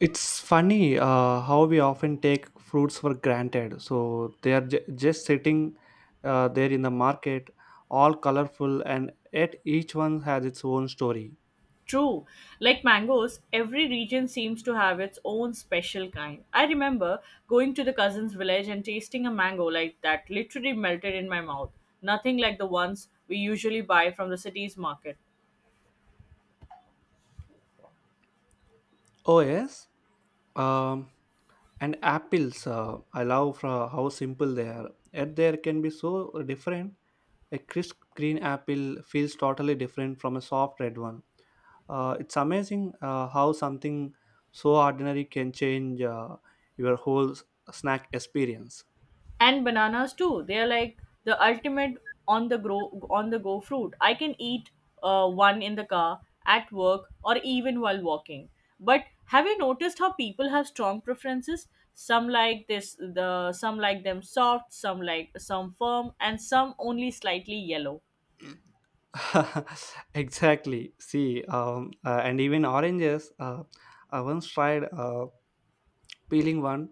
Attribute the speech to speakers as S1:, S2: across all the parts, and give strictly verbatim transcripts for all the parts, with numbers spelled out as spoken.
S1: It's funny uh, how we often take fruits for granted. So they are j- just sitting uh, there in the market, all colorful, and yet each one has its own story.
S2: True. Like mangoes, every region seems to have its own special kind. I remember going to the cousin's village and tasting a mango like that literally melted in my mouth. Nothing like the ones we usually buy from the city's market.
S1: Oh, yes. Um, and apples uh, I love for how simple they are yet there can be so different. A crisp green apple feels totally different from a soft red one. Uh, it's amazing uh, how something so ordinary can change uh, your whole s- snack experience.
S2: And bananas too, they are like the ultimate on the grow on the go fruit. I can eat uh, one in the car, at work, or even while walking. But have you noticed how people have strong preferences? Some like this the some like them soft, some like some firm, and some only slightly yellow.
S1: Exactly, see. Um, uh, and even oranges, uh, I once tried uh, peeling one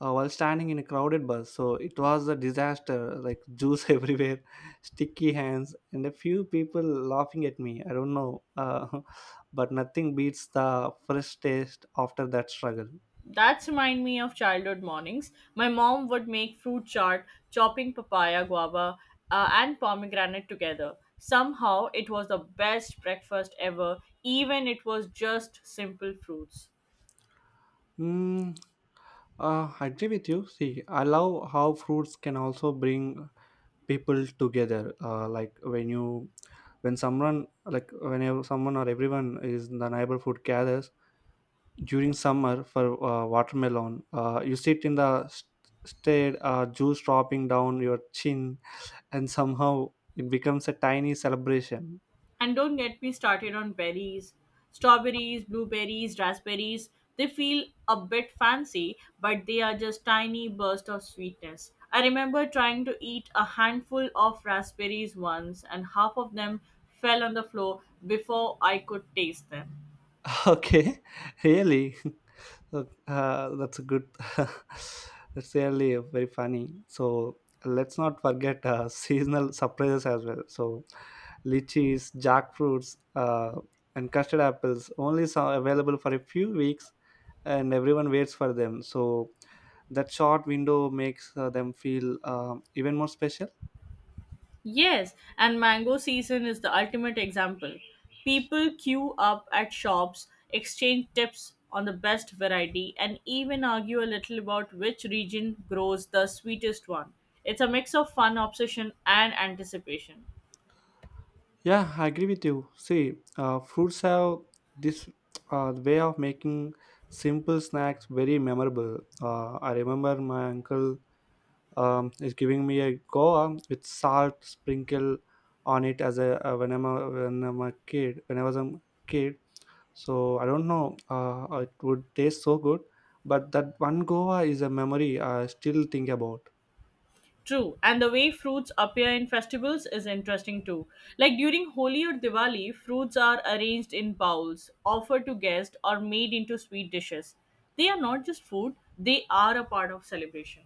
S1: uh, while standing in a crowded bus. So it was a disaster, like juice everywhere, sticky hands, and a few people laughing at me. I don't know, uh, but nothing beats the fresh taste after that struggle.
S2: That remind me of childhood mornings. My mom would make fruit chart, chopping papaya, guava, uh, and pomegranate together. Somehow, it was the best breakfast ever, even it was just simple fruits.
S1: Mm, uh, I agree with you. See, I love how fruits can also bring people together. Uh, like when you, when someone, like whenever someone or everyone is in the neighborhood gathers, during summer for uh, watermelon, uh, you sit in the st- shade, uh, juice dropping down your chin, and somehow it becomes a tiny celebration.
S2: And don't get me started on berries. Strawberries, blueberries, raspberries, they feel a bit fancy, but they are just tiny bursts of sweetness. I remember trying to eat a handful of raspberries once, and half of them fell on the floor before I could taste them.
S1: Okay, really. Uh, that's a good that's really very funny. So let's not forget uh, seasonal surprises as well. So lychees, jackfruits, uh, and custard apples only so available for a few weeks, and everyone waits for them. So that short window makes uh, them feel um even more special.
S2: Yes, and mango season is the ultimate example. People queue up at shops, exchange tips on the best variety, and even argue a little about which region grows the sweetest one. It's a mix of fun, obsession, and anticipation.
S1: Yeah, I agree with you. See, uh, fruits have this uh, way of making simple snacks very memorable. uh, I remember my uncle um, is giving me a goa with salt sprinkle on it as a uh, when i'm a when i'm a kid when I was a kid. So I don't know, uh, it would taste so good, but that one goa is a memory I still think about.
S2: True, and the way fruits appear in festivals is interesting too. Like during Holi or Diwali, fruits are arranged in bowls, offered to guests, or made into sweet dishes. They are not just food, they are a part of celebration.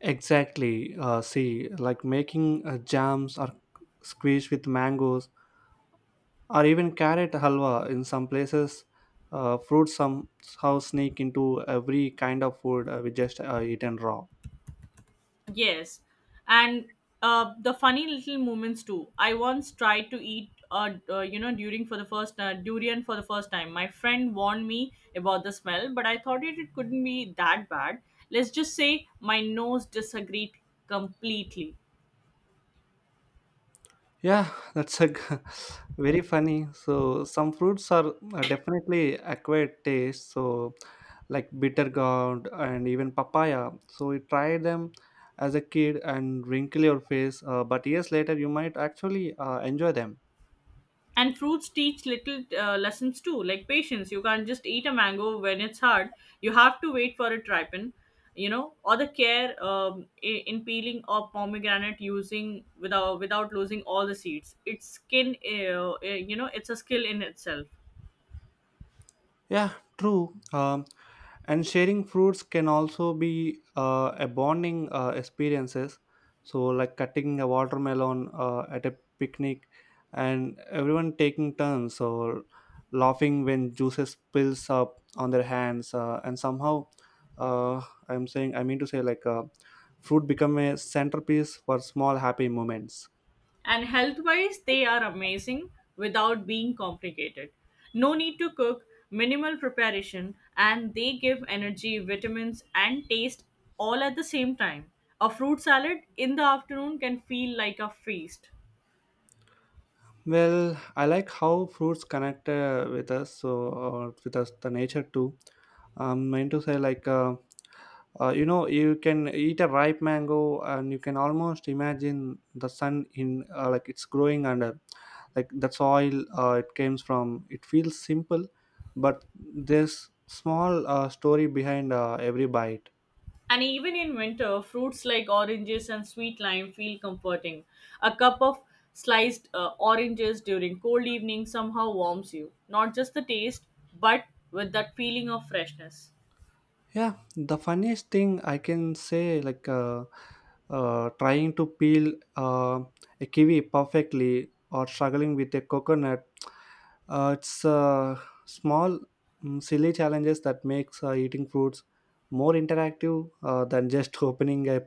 S1: Exactly. Uh, see, like making uh, jams or squeeze with mangoes or even carrot halwa in some places, uh, fruits somehow sneak into every kind of food uh, we just uh, eaten raw.
S2: Yes, and uh, the funny little moments too. I once tried to eat, uh, uh, you know, during for the first uh, durian for the first time. My friend warned me about the smell, but I thought it, it couldn't be that bad. Let's just say my nose disagreed completely.
S1: Yeah, that's a g- very funny. So some fruits are uh, definitely acquired taste. So like bitter gourd and even papaya. So we try them as a kid and wrinkle your face, uh, but years later you might actually uh, enjoy them.
S2: And fruits teach little uh, lessons too, like patience. You can't just eat a mango when it's hard, you have to wait for it ripen, you know. Or the care um, i- in peeling of pomegranate using without without losing all the seeds its skin. Uh, uh, you know, it's a skill in itself.
S1: Yeah, true. Um, and sharing fruits can also be uh, a bonding uh, experiences. So, like cutting a watermelon uh, at a picnic, and everyone taking turns or laughing when juices spills up on their hands, uh, and somehow, uh, I'm saying I mean to say like uh, fruit become a centerpiece for small happy moments.
S2: And health wise, they are amazing without being complicated. No need to cook, minimal preparation, and they give energy, vitamins, and taste all at the same time. A fruit salad in the afternoon can feel like a feast.
S1: Well, I like how fruits connect uh, with us, so or with us the nature too. I'm meant to say like uh, uh, you know, you can eat a ripe mango and you can almost imagine the sun in, uh, like it's growing under, like the soil uh, it comes from. It feels simple, but there's small uh, story behind uh, every bite.
S2: And even in winter, fruits like oranges and sweet lime feel comforting. A cup of sliced uh, oranges during cold evening somehow warms you. Not just the taste, but with that feeling of freshness.
S1: Yeah, the funniest thing I can say, like uh, uh, trying to peel uh, a kiwi perfectly or struggling with a coconut, uh, it's uh, small, mm, silly challenges that makes uh, eating fruits more interactive uh, than just opening a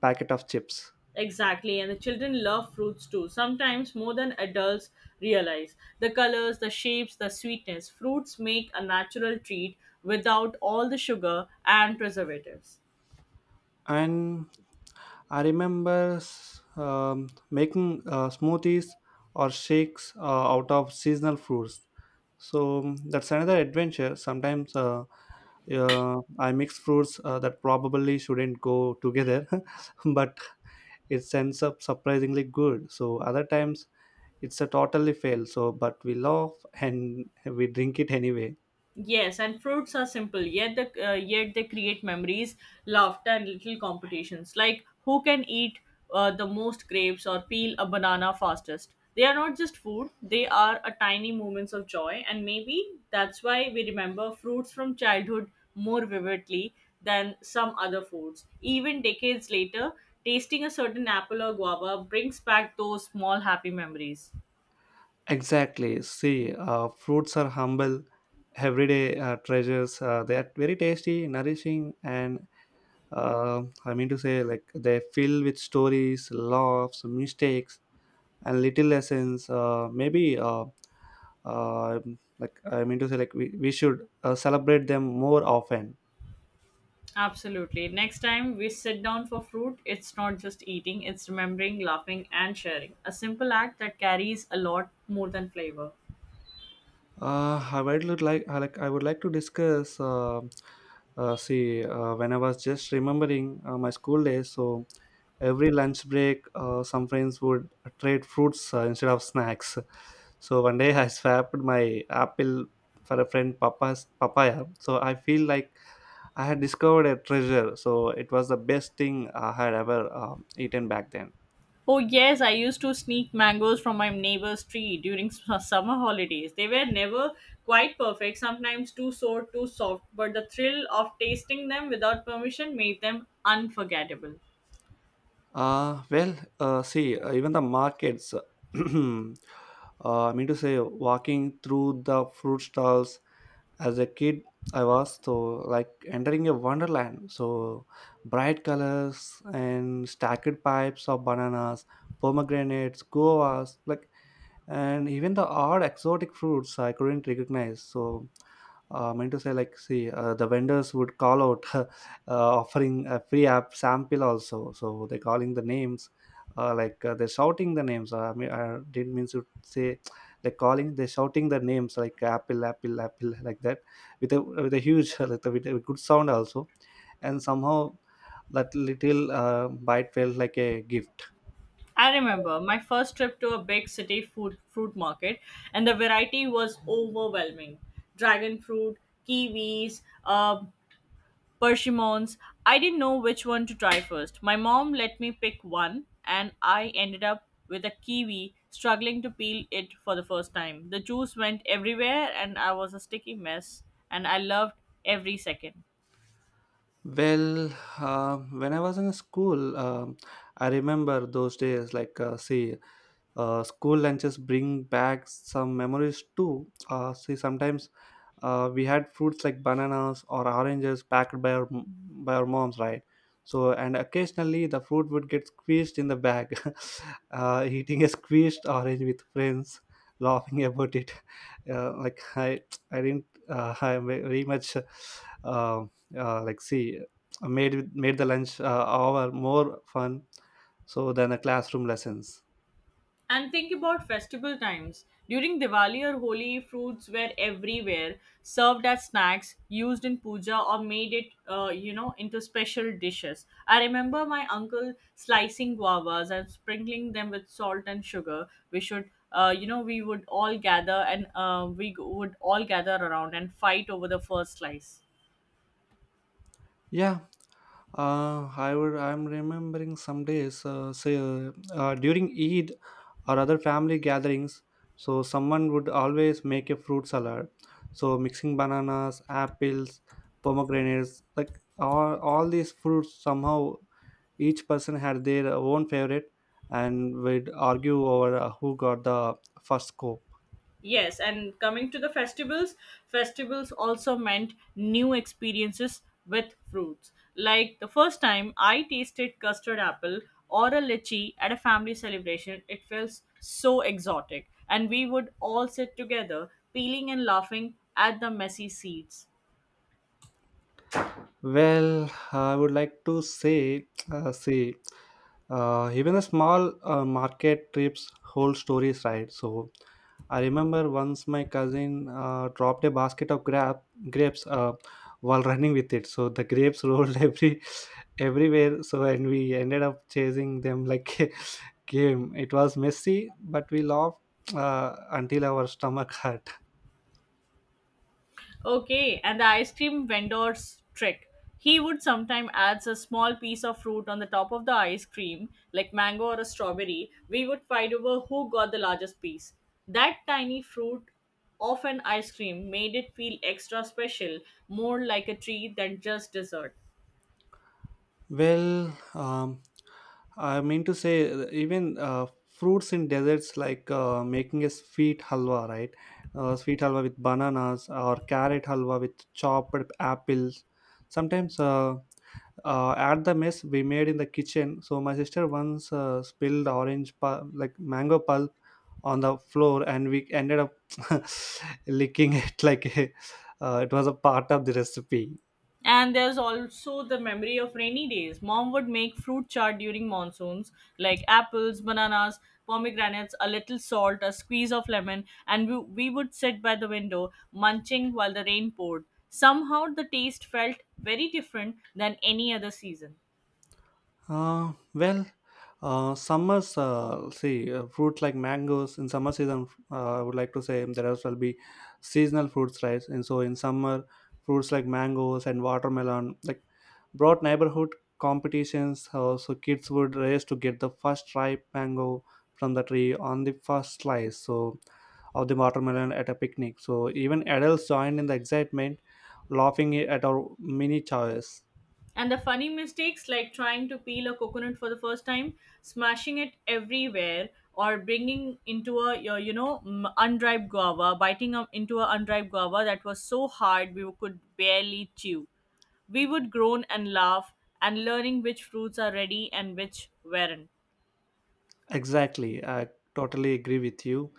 S1: packet of chips.
S2: Exactly, and the children love fruits too, sometimes more than adults realize. The colors, the shapes, the sweetness. Fruits make a natural treat without all the sugar and preservatives.
S1: And I remember s- um, making uh, smoothies or shakes uh, out of seasonal fruits. So um, that's another adventure. Sometimes uh, uh, I mix fruits uh, that probably shouldn't go together, but it ends up surprisingly good. So other times it's a totally fail. So but we laugh and we drink it anyway.
S2: Yes, and fruits are simple, yet the uh, yet they create memories, laughter, and little competitions. Like who can eat uh, the most grapes or peel a banana fastest. They are not just food; they are a tiny moments of joy, and maybe that's why we remember fruits from childhood more vividly than some other foods. Even decades later, tasting a certain apple or guava brings back those small happy memories.
S1: Exactly. See, uh, fruits are humble, everyday uh, treasures. Uh, they are very tasty, nourishing, and uh, I mean to say, like they fill with stories, laughs, mistakes, and little lessons. Uh, maybe, uh, uh, like I mean to say, like we, we should uh, celebrate them more often.
S2: Absolutely. Next time we sit down for fruit, it's not just eating, it's remembering, laughing, and sharing. A simple act that carries a lot more than flavor.
S1: Uh, I would look like I like I would like to discuss. Uh, uh, see, uh, when I was just remembering uh, my school days, so every lunch break, uh, some friends would trade fruits uh, instead of snacks. So one day I swapped my apple for a friend papa's papaya. So I feel like I had discovered a treasure. So it was the best thing I had ever um, eaten back then.
S2: Oh, yes, I used to sneak mangoes from my neighbor's tree during s- summer holidays. They were never quite perfect, sometimes too sour, too soft, but the thrill of tasting them without permission made them unforgettable.
S1: Uh, well, uh, see, uh, even the markets, uh, I mean to say, walking through the fruit stalls as a kid, I was so like entering a wonderland. So bright colors and stacked pipes of bananas, pomegranates, guavas, like and even the odd exotic fruits I couldn't recognize. So, uh, I meant to say, like, see, uh, the vendors would call out uh, offering a free app sample also. So they're calling the names, uh, like uh, they're shouting the names. I mean, I didn't mean to say like calling. They're shouting the names like apple, apple, apple, like that, with a with a huge like with a good sound also, and somehow that little uh, bite felt like a gift.
S2: I remember my first trip to a big city food fruit market, and the variety was overwhelming. Dragon fruit, kiwis, uh, persimmons. I didn't know which one to try first. My mom let me pick one, and I ended up with a kiwi, struggling to peel it for the first time. The juice went everywhere, and I was a sticky mess, and I loved every second.
S1: Well, uh, when I was in school, um I remember those days. Like, uh, see, uh, school lunches bring back some memories too. Uh, see, sometimes uh, we had fruits like bananas or oranges packed by our by our moms, right? So, and occasionally the fruit would get squeezed in the bag. Uh, eating a squeezed orange with friends, laughing about it. Uh, like I, I didn't. Uh, I very much, uh, uh, like see, made made the lunch uh, hour more fun so than the classroom lessons.
S2: And think about festival times. During Diwali or Holi, fruits were everywhere, served as snacks, used in puja, or made it, uh, you know, into special dishes. I remember my uncle slicing guavas and sprinkling them with salt and sugar. We should, uh, you know, we would all gather and uh, we g- would all gather around and fight over the first slice.
S1: Yeah, uh, I would. I'm remembering some days, uh, say uh, uh, during Eid or other family gatherings. So someone would always make a fruit salad. So mixing bananas, apples, pomegranates, like all all these fruits. Somehow each person had their own favorite, and would argue over uh, who got the first scoop.
S2: Yes, and coming to the festivals, festivals also meant new experiences with fruits. Like the first time I tasted custard apple or a lychee at a family celebration, it felt so exotic. And we would all sit together, peeling and laughing at the messy seeds.
S1: Well, I would like to say, uh, see, uh, even a small uh, market trips whole stories, right? So, I remember once my cousin uh, dropped a basket of grab grapes uh, while running with it. So the grapes rolled every everywhere. So and we ended up chasing them like a game. It was messy, but we laughed uh, until our stomach hurt.
S2: Okay, and the ice cream vendor's trick. He would sometimes adds a small piece of fruit on the top of the ice cream, like mango or a strawberry. We would fight over who got the largest piece. That tiny fruit of an ice cream made it feel extra special, more like a treat than just dessert.
S1: Well, um, I mean to say, uh, even uh, fruits in deserts, like uh, making a sweet halwa, right? Uh, sweet halwa with bananas or carrot halwa with chopped apples. Sometimes uh, uh, at the mess we made in the kitchen. So my sister once uh, spilled orange, pul- like mango pulp, on the floor, and we ended up licking it like a, uh, it was a part of the recipe.
S2: And there's also the memory of rainy days. Mom would make fruit chart during monsoons, like apples, bananas, pomegranates, a little salt, a squeeze of lemon, and we, we would sit by the window munching while the rain poured. Somehow the taste felt very different than any other season.
S1: Uh, well, uh, summers, uh, see, uh, fruits like mangoes in summer season, uh, I would like to say there as well be seasonal fruits, right? And so in summer, fruits like mangoes and watermelon, like brought neighborhood competitions. Uh, so kids would race to get the first ripe mango from the tree on the first slice so of the watermelon at a picnic, so even adults joined in the excitement, laughing at our mini choice.
S2: And the funny mistakes, like trying to peel a coconut for the first time, smashing it everywhere, or bringing into a your you know m- unripe guava, biting up into a unripe guava that was so hard we could barely chew. We would groan and laugh, and learning which fruits are ready and which weren't.
S1: Exactly, I totally agree with you.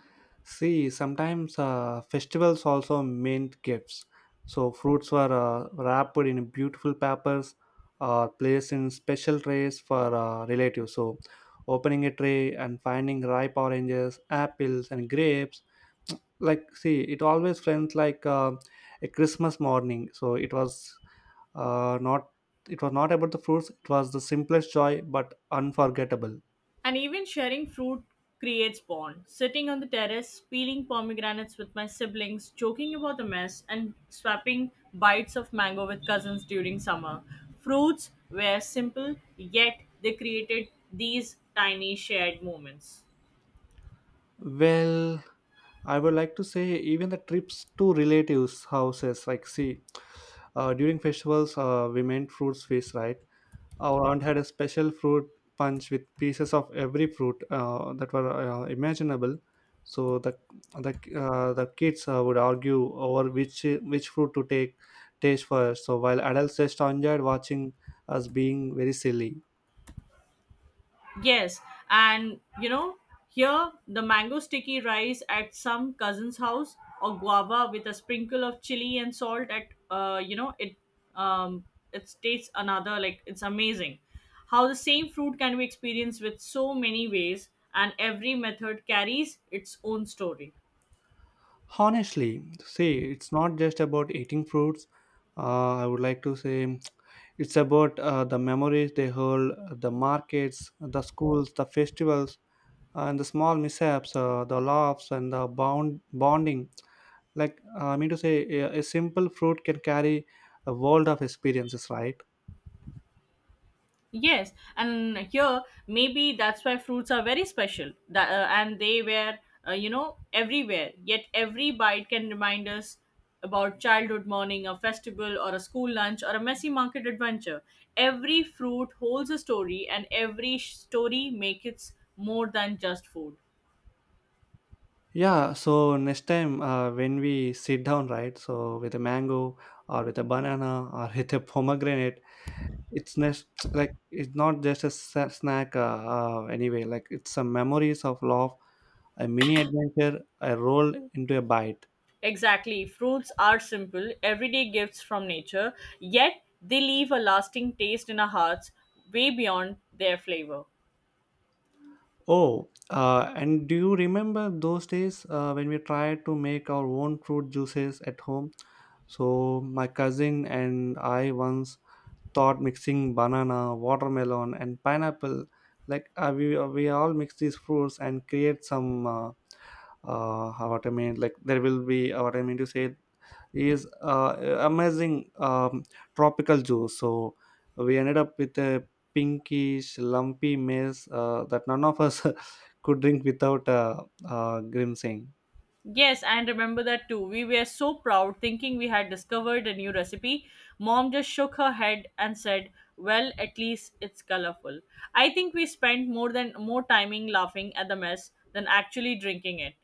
S1: See, sometimes uh, festivals also meant gifts. So fruits were uh, wrapped in beautiful papers or placed in special trays for uh, relatives. So opening a tray and finding ripe oranges, apples, and grapes. Like, see, it always felt like uh, a Christmas morning. So it was uh, not it was not about the fruits. It was the simplest joy, but unforgettable.
S2: And even sharing fruit creates bond. Sitting on the terrace, peeling pomegranates with my siblings, joking about the mess, and swapping bites of mango with cousins during summer. Fruits were simple, yet they created these tiny shared moments.
S1: Well, I would like to say even the trips to relatives' houses. Like, see, uh, during festivals, uh, we made fruits feast, right? Our aunt had a special fruit punch with pieces of every fruit uh, that were uh, imaginable. So the the uh, the kids uh, would argue over which which fruit to take taste first. So while adults just enjoyed watching us being very silly.
S2: Yes, and you know, here the mango sticky rice at some cousin's house or guava with a sprinkle of chili and salt at uh you know it um it tastes another. Like, it's amazing how the same fruit can be experienced with so many ways, and every method carries its own story.
S1: Honestly, see, it's not just about eating fruits. Uh, I would like to say it's about uh, the memories they hold, the markets, the schools, the festivals, uh, and the small mishaps, uh, the laughs, and the bound bonding. Like uh, I mean to say, a, a simple fruit can carry a world of experiences, right?
S2: Yes, and here maybe that's why fruits are very special. That uh, and they were uh, you know everywhere. Yet every bite can remind us about childhood morning, a festival, or a school lunch, or a messy market adventure. Every fruit holds a story, and every sh- story makes it more than just food.
S1: Yeah. So next time uh, when we sit down, right? So with a mango or with a banana or with a pomegranate it's nes- like it's not just a sa- snack uh, uh, anyway like it's some memories of love, a mini adventure I rolled into a bite.
S2: Exactly, fruits are simple, everyday gifts from nature. Yet they leave a lasting taste in our hearts, way beyond their flavor.
S1: oh uh, and do you remember those days uh, when we tried to make our own fruit juices at home? So my cousin and I once thought mixing banana, watermelon and pineapple, like uh, we, we all mix these fruits and create some uh, uh how what I mean like there will be uh, what I mean to say is uh, amazing, um, tropical juice. So we ended up with a pinkish lumpy mess uh, that none of us could drink without uh, uh, grimsing.
S2: Yes, and remember that too. We were so proud, thinking we had discovered a new recipe. Mom just shook her head and said, "Well, at least it's colorful." I think we spent more than more timing laughing at the mess than actually drinking it.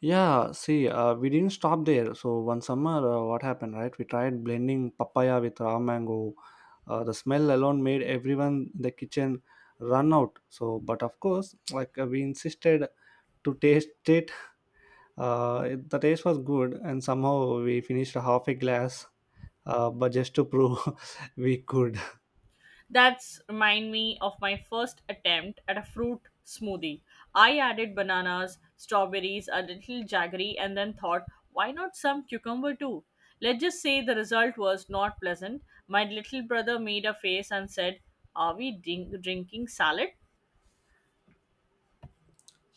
S1: Yeah, see, uh, we didn't stop there. So one summer, uh, what happened, right? We tried blending papaya with raw mango. Uh, the smell alone made everyone in the kitchen run out. So but of course, like uh, we insisted to taste it. Uh, it- the taste was good, and somehow we finished half a glass, uh, but just to prove we could.
S2: That's remind me of my first attempt at a fruit smoothie. I added bananas, strawberries, a little jaggery, and then thought, why not some cucumber too? Let's just say the result was not pleasant. My little brother made a face and said, "Are we drink- drinking salad?"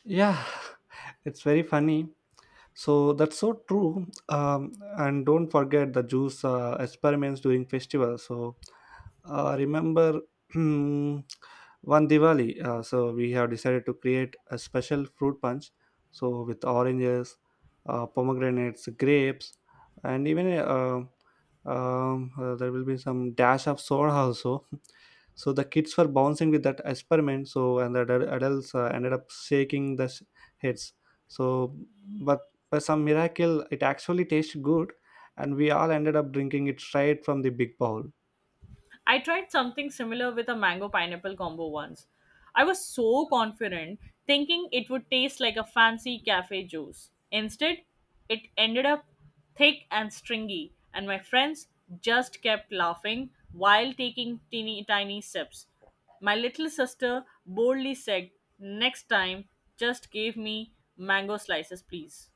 S1: Yeah, it's very funny. So that's so true. Um, and don't forget the juice uh, experiments during festivals. So uh, remember one Diwali, uh, so we have decided to create a special fruit punch, so with oranges, uh, pomegranates, grapes, and even uh, um, uh, there will be some dash of soda also. So the kids were bouncing with that experiment. So and the adul- adults uh, ended up shaking the s- heads. So but by some miracle it actually tasted good, and we all ended up drinking it straight from the big bowl.
S2: I tried something similar with a mango pineapple combo once. I was so confident, thinking it would taste like a fancy cafe juice. Instead, it ended up thick and stringy, and my friends just kept laughing while taking teeny tiny sips. My little sister boldly said, "Next time, just give me mango slices, please."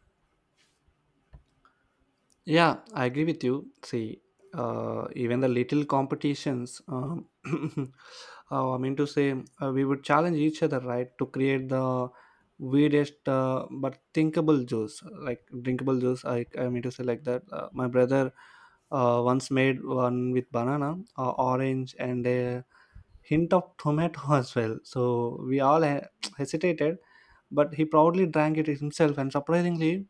S1: Yeah, I agree with you. See, uh, even the little competitions, um, uh, I mean to say uh, we would challenge each other, right, to create the weirdest, uh, but thinkable juice, like drinkable juice, i, I mean to say, like that. Uh, my brother uh, once made one with banana, uh, orange and a hint of tomato as well. So we all he- hesitated, but he proudly drank it himself, and surprisingly,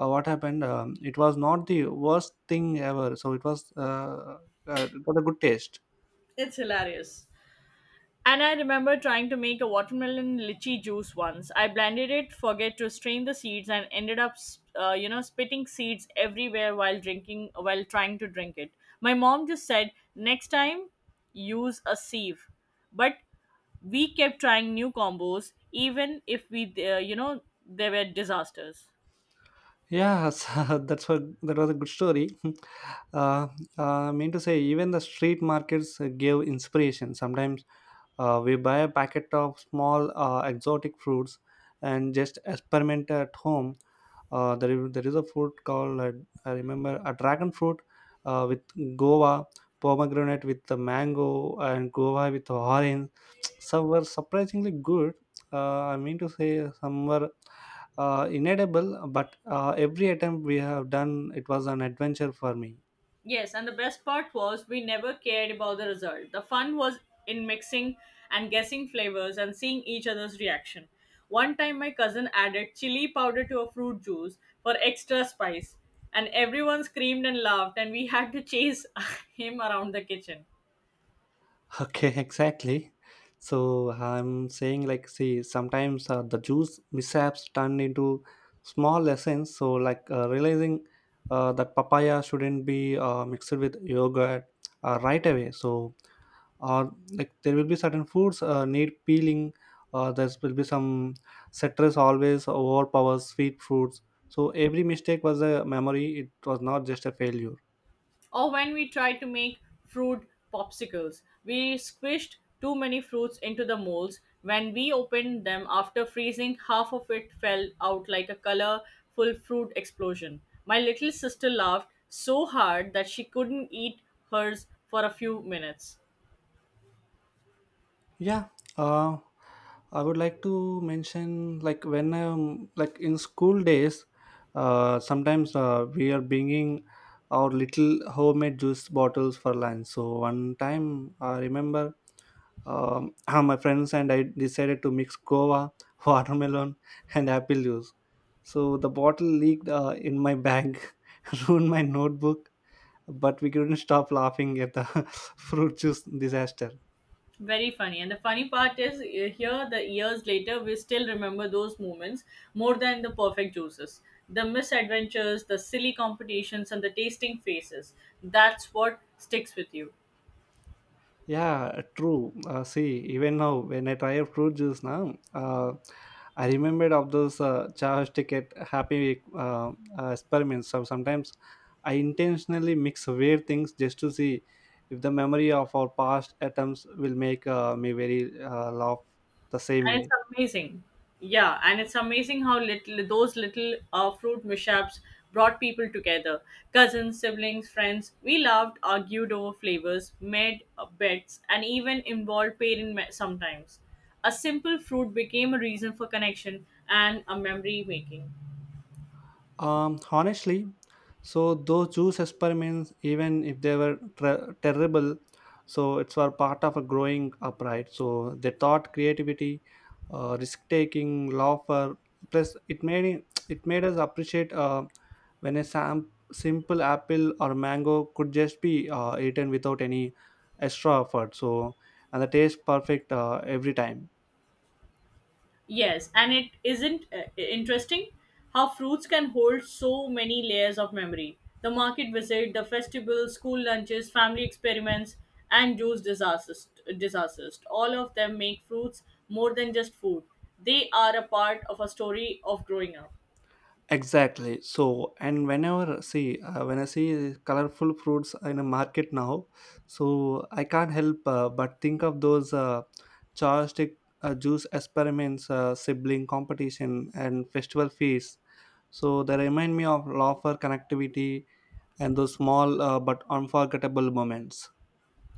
S1: uh, what happened, um, it was not the worst thing ever. So it was uh, uh, it got a good taste.
S2: It's hilarious. And I remember trying to make a watermelon lychee juice once. I blended it, forget to strain the seeds, and ended up, uh, you know, spitting seeds everywhere while drinking, while trying to drink it. My mom just said, "Next time, use a sieve." But we kept trying new combos, even if we, uh, you know, they were disasters.
S1: Yeah, so that's what, that was a good story. uh, uh, I mean to say Even the street markets uh, gave inspiration sometimes. Uh, we buy a packet of small uh, exotic fruits and just experiment at home. Uh, there, is, there is a fruit called, uh, I remember, a dragon fruit uh, with guava, pomegranate with the mango, and guava with orange. Some were surprisingly good. Uh, I mean to say, some were uh, inedible, but uh, every attempt we have done, it was an adventure for me.
S2: Yes, and the best part was we never cared about the result. The fun was in mixing and guessing flavors and seeing each other's reaction. One time, my cousin added chili powder to a fruit juice for extra spice, and everyone screamed and laughed, and we had to chase him around the kitchen.
S1: Okay, exactly. So I'm saying, like, see, sometimes uh, the juice mishaps turn into small lessons. So like, uh, realizing uh, that papaya shouldn't be uh, mixed with yogurt uh, right away. So or like there will be certain foods uh, need peeling. Uh, there will be some citrus always overpowers sweet fruits. So every mistake was a memory. It was not just a failure.
S2: Or when we tried to make fruit popsicles, we squished too many fruits into the molds. When we opened them after freezing, half of it fell out like a colorful fruit explosion. My little sister laughed so hard that she couldn't eat hers for a few minutes.
S1: Yeah, uh, I would like to mention, like, when I'm like in school days, uh, sometimes uh, we are bringing our little homemade juice bottles for lunch. So one time I remember, um, my friends and I decided to mix guava, watermelon, and apple juice. So the bottle leaked uh, in my bag, ruined my notebook, but we couldn't stop laughing at the fruit juice disaster.
S2: Very funny. And the funny part is, eh, here, the years later, we still remember those moments more than the perfect juices. The misadventures, the silly competitions, and the tasting faces. That's what sticks with you.
S1: Yeah, true. Uh, see, even now when I try out fruit juice now, uh, I remembered of those uh, charge ticket happy uh, uh, experiments. So sometimes I intentionally mix weird things just to see if the memory of our past attempts will make uh, me very uh, laugh the same
S2: And it's
S1: way.
S2: amazing yeah and it's amazing how little those little uh, fruit mishaps brought people together. Cousins, siblings, friends, we laughed, argued over flavors, made uh, bets, and even involved parents ma- sometimes. A simple fruit became a reason for connection and a memory making.
S1: Um, honestly, so those juice experiments, even if they were ter- terrible, so it's were part of a growing up, right? So they taught creativity, uh, risk taking, laughter. Plus, it made it made us appreciate uh, when a sam- simple apple or mango could just be uh, eaten without any extra effort. So and the taste perfect uh, every time.
S2: Yes, and it isn't uh, interesting how fruits can hold so many layers of memory. The market visit, the festival, school lunches, family experiments, and juice disasters, disasters. All of them make fruits more than just food. They are a part of a story of growing up.
S1: Exactly. So, and whenever, see, uh, when I see colorful fruits in a market now, so I can't help, uh, but think of those uh, chopstick uh, juice experiments, uh, sibling competition, and festival feasts. So they remind me of laughter, connectivity, and those small, uh, but unforgettable moments.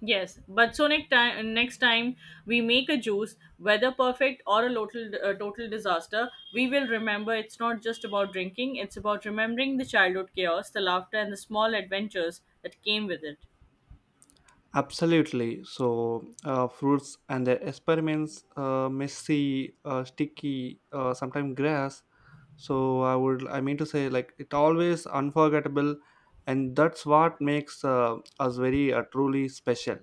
S2: Yes, but so next time, next time we make a juice, whether perfect or a total uh, total disaster, we will remember it's not just about drinking; it's about remembering the childhood chaos, the laughter, and the small adventures that came with it.
S1: Absolutely. So uh, fruits and their experiments, uh, messy, uh, sticky, uh, sometimes grass, so I would I mean to say like it always unforgettable, and that's what makes uh, us very uh, truly special.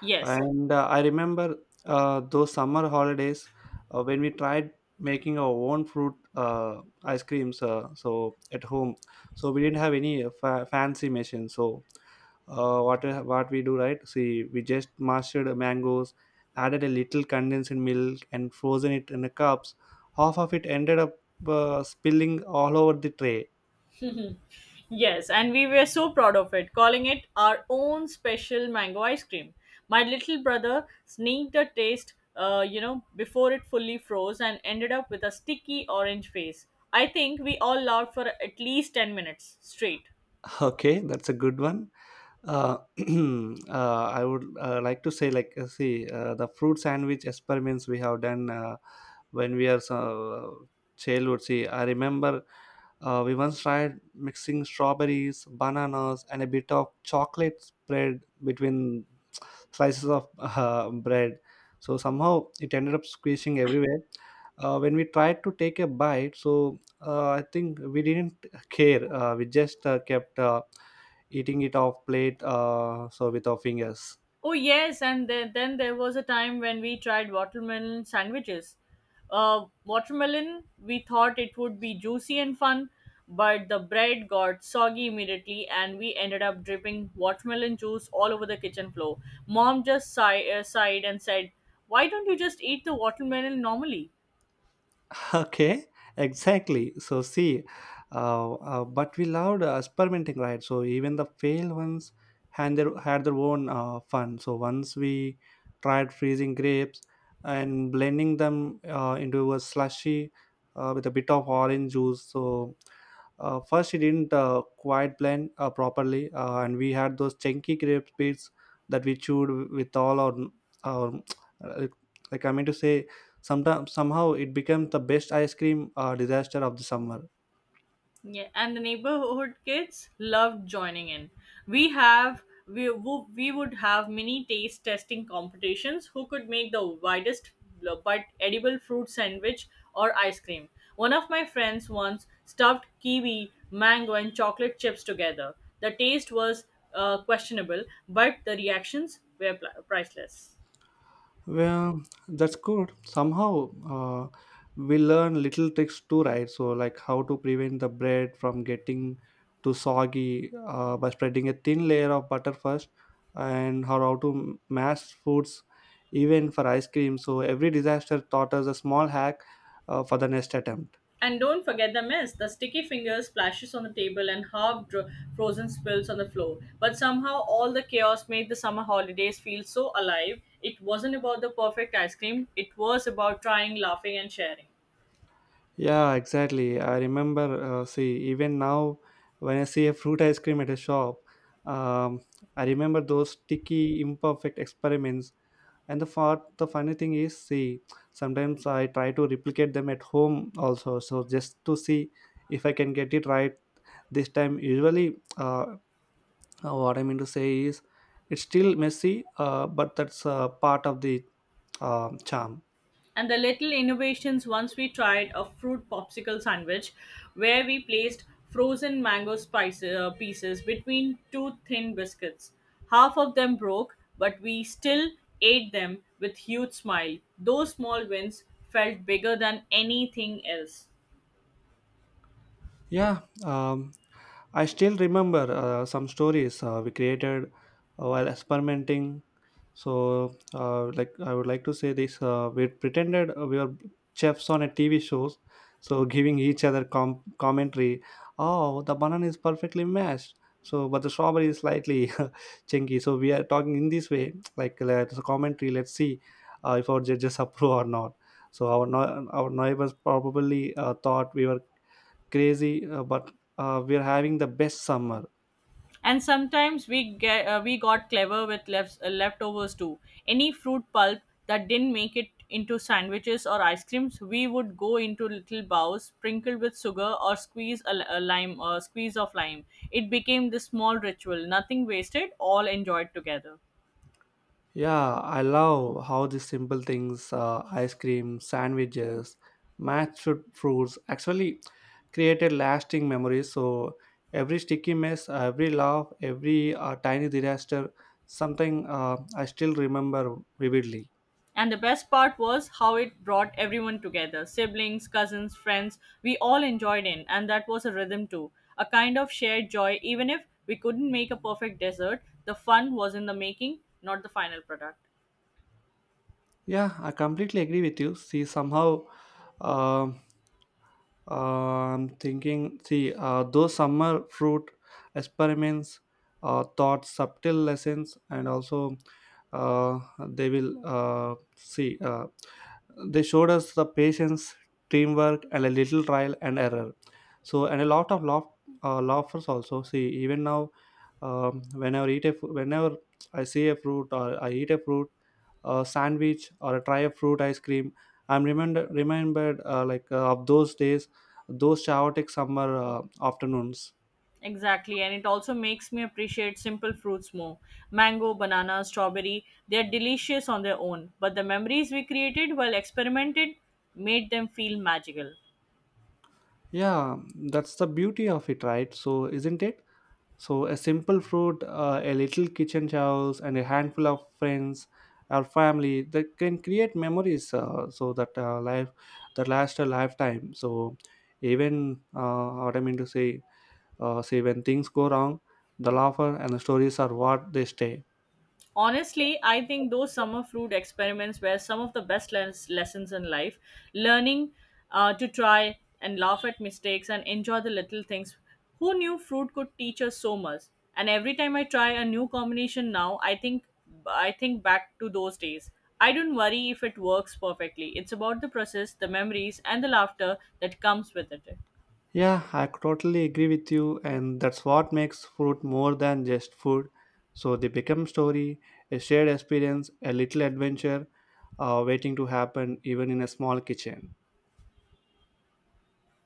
S2: Yes,
S1: And uh, I remember uh, those summer holidays uh, when we tried making our own fruit uh, ice creams. Uh, so at home, so we didn't have any uh, fa- fancy machine. So uh, what what we do, right? See, we just mashed mangoes, added a little condensed milk, and frozen it in the cups. Half of it ended up uh, spilling all over the tray.
S2: yes, and we were so proud of it, calling it our own special mango ice cream. My little brother sneaked a taste, uh, you know, before it fully froze, and ended up with a sticky orange face. I think we all laughed for at least ten minutes straight.
S1: Okay, that's a good one. Uh, uh, I would uh, like to say, like, uh, see, uh, the fruit sandwich experiments we have done uh, when we are so childhood. See, I remember uh, we once tried mixing strawberries, bananas, and a bit of chocolate spread between slices of uh, bread. So somehow it ended up squishing everywhere. Uh, when we tried to take a bite, so uh, I think we didn't care. Uh, we just uh, kept uh, eating it off plate, uh, so with our fingers.
S2: Oh yes, and then, then there was a time when we tried watermelon sandwiches. Uh, watermelon, we thought it would be juicy and fun, but the bread got soggy immediately, and we ended up dripping watermelon juice all over the kitchen floor. Mom just sigh, uh, sighed and said, "Why don't you just eat the watermelon normally?"
S1: Okay, exactly. So see, uh, uh, but we loved uh, experimenting, right? So even the failed ones had their, had their own uh, fun. So once we tried freezing grapes and blending them uh, into a slushy uh, with a bit of orange juice. So uh, first it didn't uh, quite blend uh, properly, uh, and we had those chunky grape bits that we chewed with all our, our like, like I mean to say Sometimes somehow it became the best ice cream uh, disaster of the summer.
S2: Yeah, and the neighborhood kids loved joining in. We have we wo- we would have mini taste testing competitions. Who could make the widest uh, but edible fruit sandwich or ice cream? One of my friends once stuffed kiwi, mango, and chocolate chips together. The taste was uh, questionable, but the reactions were pl- priceless.
S1: Well, that's good. Somehow uh, we learn little tricks too, right? So like how to prevent the bread from getting too soggy uh, by spreading a thin layer of butter first, and how how to mash foods even for ice cream. So every disaster taught us a small hack uh, for the next attempt.
S2: And don't forget the mess. The sticky finger splashes on the table and half dro- frozen spills on the floor. But somehow, all the chaos made the summer holidays feel so alive. It wasn't about the perfect ice cream, it was about trying, laughing, and sharing.
S1: Yeah, exactly. I remember, uh, see, even now when I see a fruit ice cream at a shop, um, I remember those sticky, imperfect experiments. And the far, the funny thing is, see, sometimes I try to replicate them at home also. So just to see if I can get it right this time. Usually, uh, uh, what I mean to say is, it's still messy, uh, but that's uh, part of the uh, charm.
S2: And the little innovations, once we tried a fruit popsicle sandwich where we placed frozen mango spice uh, pieces between two thin biscuits. Half of them broke, but we still ate them with huge smile. Those small wins felt bigger than anything else.
S1: Yeah, um, I still remember uh, some stories uh, we created uh, while experimenting. So, uh, like I would like to say this: uh, we pretended uh, we were chefs on a T V shows, so giving each other com- commentary. Oh, the banana is perfectly mashed. So, but the strawberry is slightly chunky. So we are talking in this way, like let's commentary. Let's see uh, if our judges approve or not. So our no- our neighbors probably uh, thought we were crazy, uh, but uh, we're having the best summer.
S2: And sometimes we get uh, we got clever with lefts, uh, leftovers too. Any fruit pulp that didn't make it into sandwiches or ice creams, we would go into little bowls sprinkled with sugar or squeeze a, li- a lime or squeeze of lime. It became this small ritual, nothing wasted, all enjoyed together.
S1: Yeah, I love how these simple things, uh, ice cream, sandwiches, mashed fruits, actually created lasting memories. So every sticky mess, every laugh, every uh, tiny disaster, something uh, I still remember vividly.
S2: And the best part was how it brought everyone together: siblings, cousins, friends. We all enjoyed it, and that was a rhythm too. A kind of shared joy, even if we couldn't make a perfect dessert, the fun was in the making, not the final product.
S1: Yeah, I completely agree with you. See, somehow, uh, uh, I'm thinking. See, uh, those summer fruit experiments uh, taught subtle lessons, and also uh, they will uh, see. Uh, they showed us the patience, teamwork, and a little trial and error. So, and a lot of laugh, uh, laughers also. See, even now, um, whenever eat a, fru- whenever I see a fruit or I eat a fruit, a sandwich or a try of fruit ice cream. I'm remember remembered uh, like uh, of those days, those chaotic summer uh, afternoons.
S2: Exactly, and it also makes me appreciate simple fruits more. Mango, banana, strawberry, they're delicious on their own, but the memories we created while experimented made them feel magical.
S1: Yeah, that's the beauty of it, right? So isn't it? So a simple fruit, uh, a little kitchen chores, and a handful of friends or family that can create memories. Uh, so that uh, life that last a lifetime. So even uh, what I mean to say, uh, say when things go wrong, the laughter and the stories are what they stay.
S2: Honestly, I think those summer fruit experiments were some of the best les- lessons in life. Learning uh, to try and laugh at mistakes and enjoy the little things. Who knew fruit could teach us so much? And every time I try a new combination now, I think I think back to those days. I don't worry if it works perfectly. It's about the process, the memories, and the laughter that comes with it.
S1: Yeah, I could totally agree with you, and that's what makes food more than just food. So they become story, a shared experience, a little adventure, uh, waiting to happen, even in a small kitchen.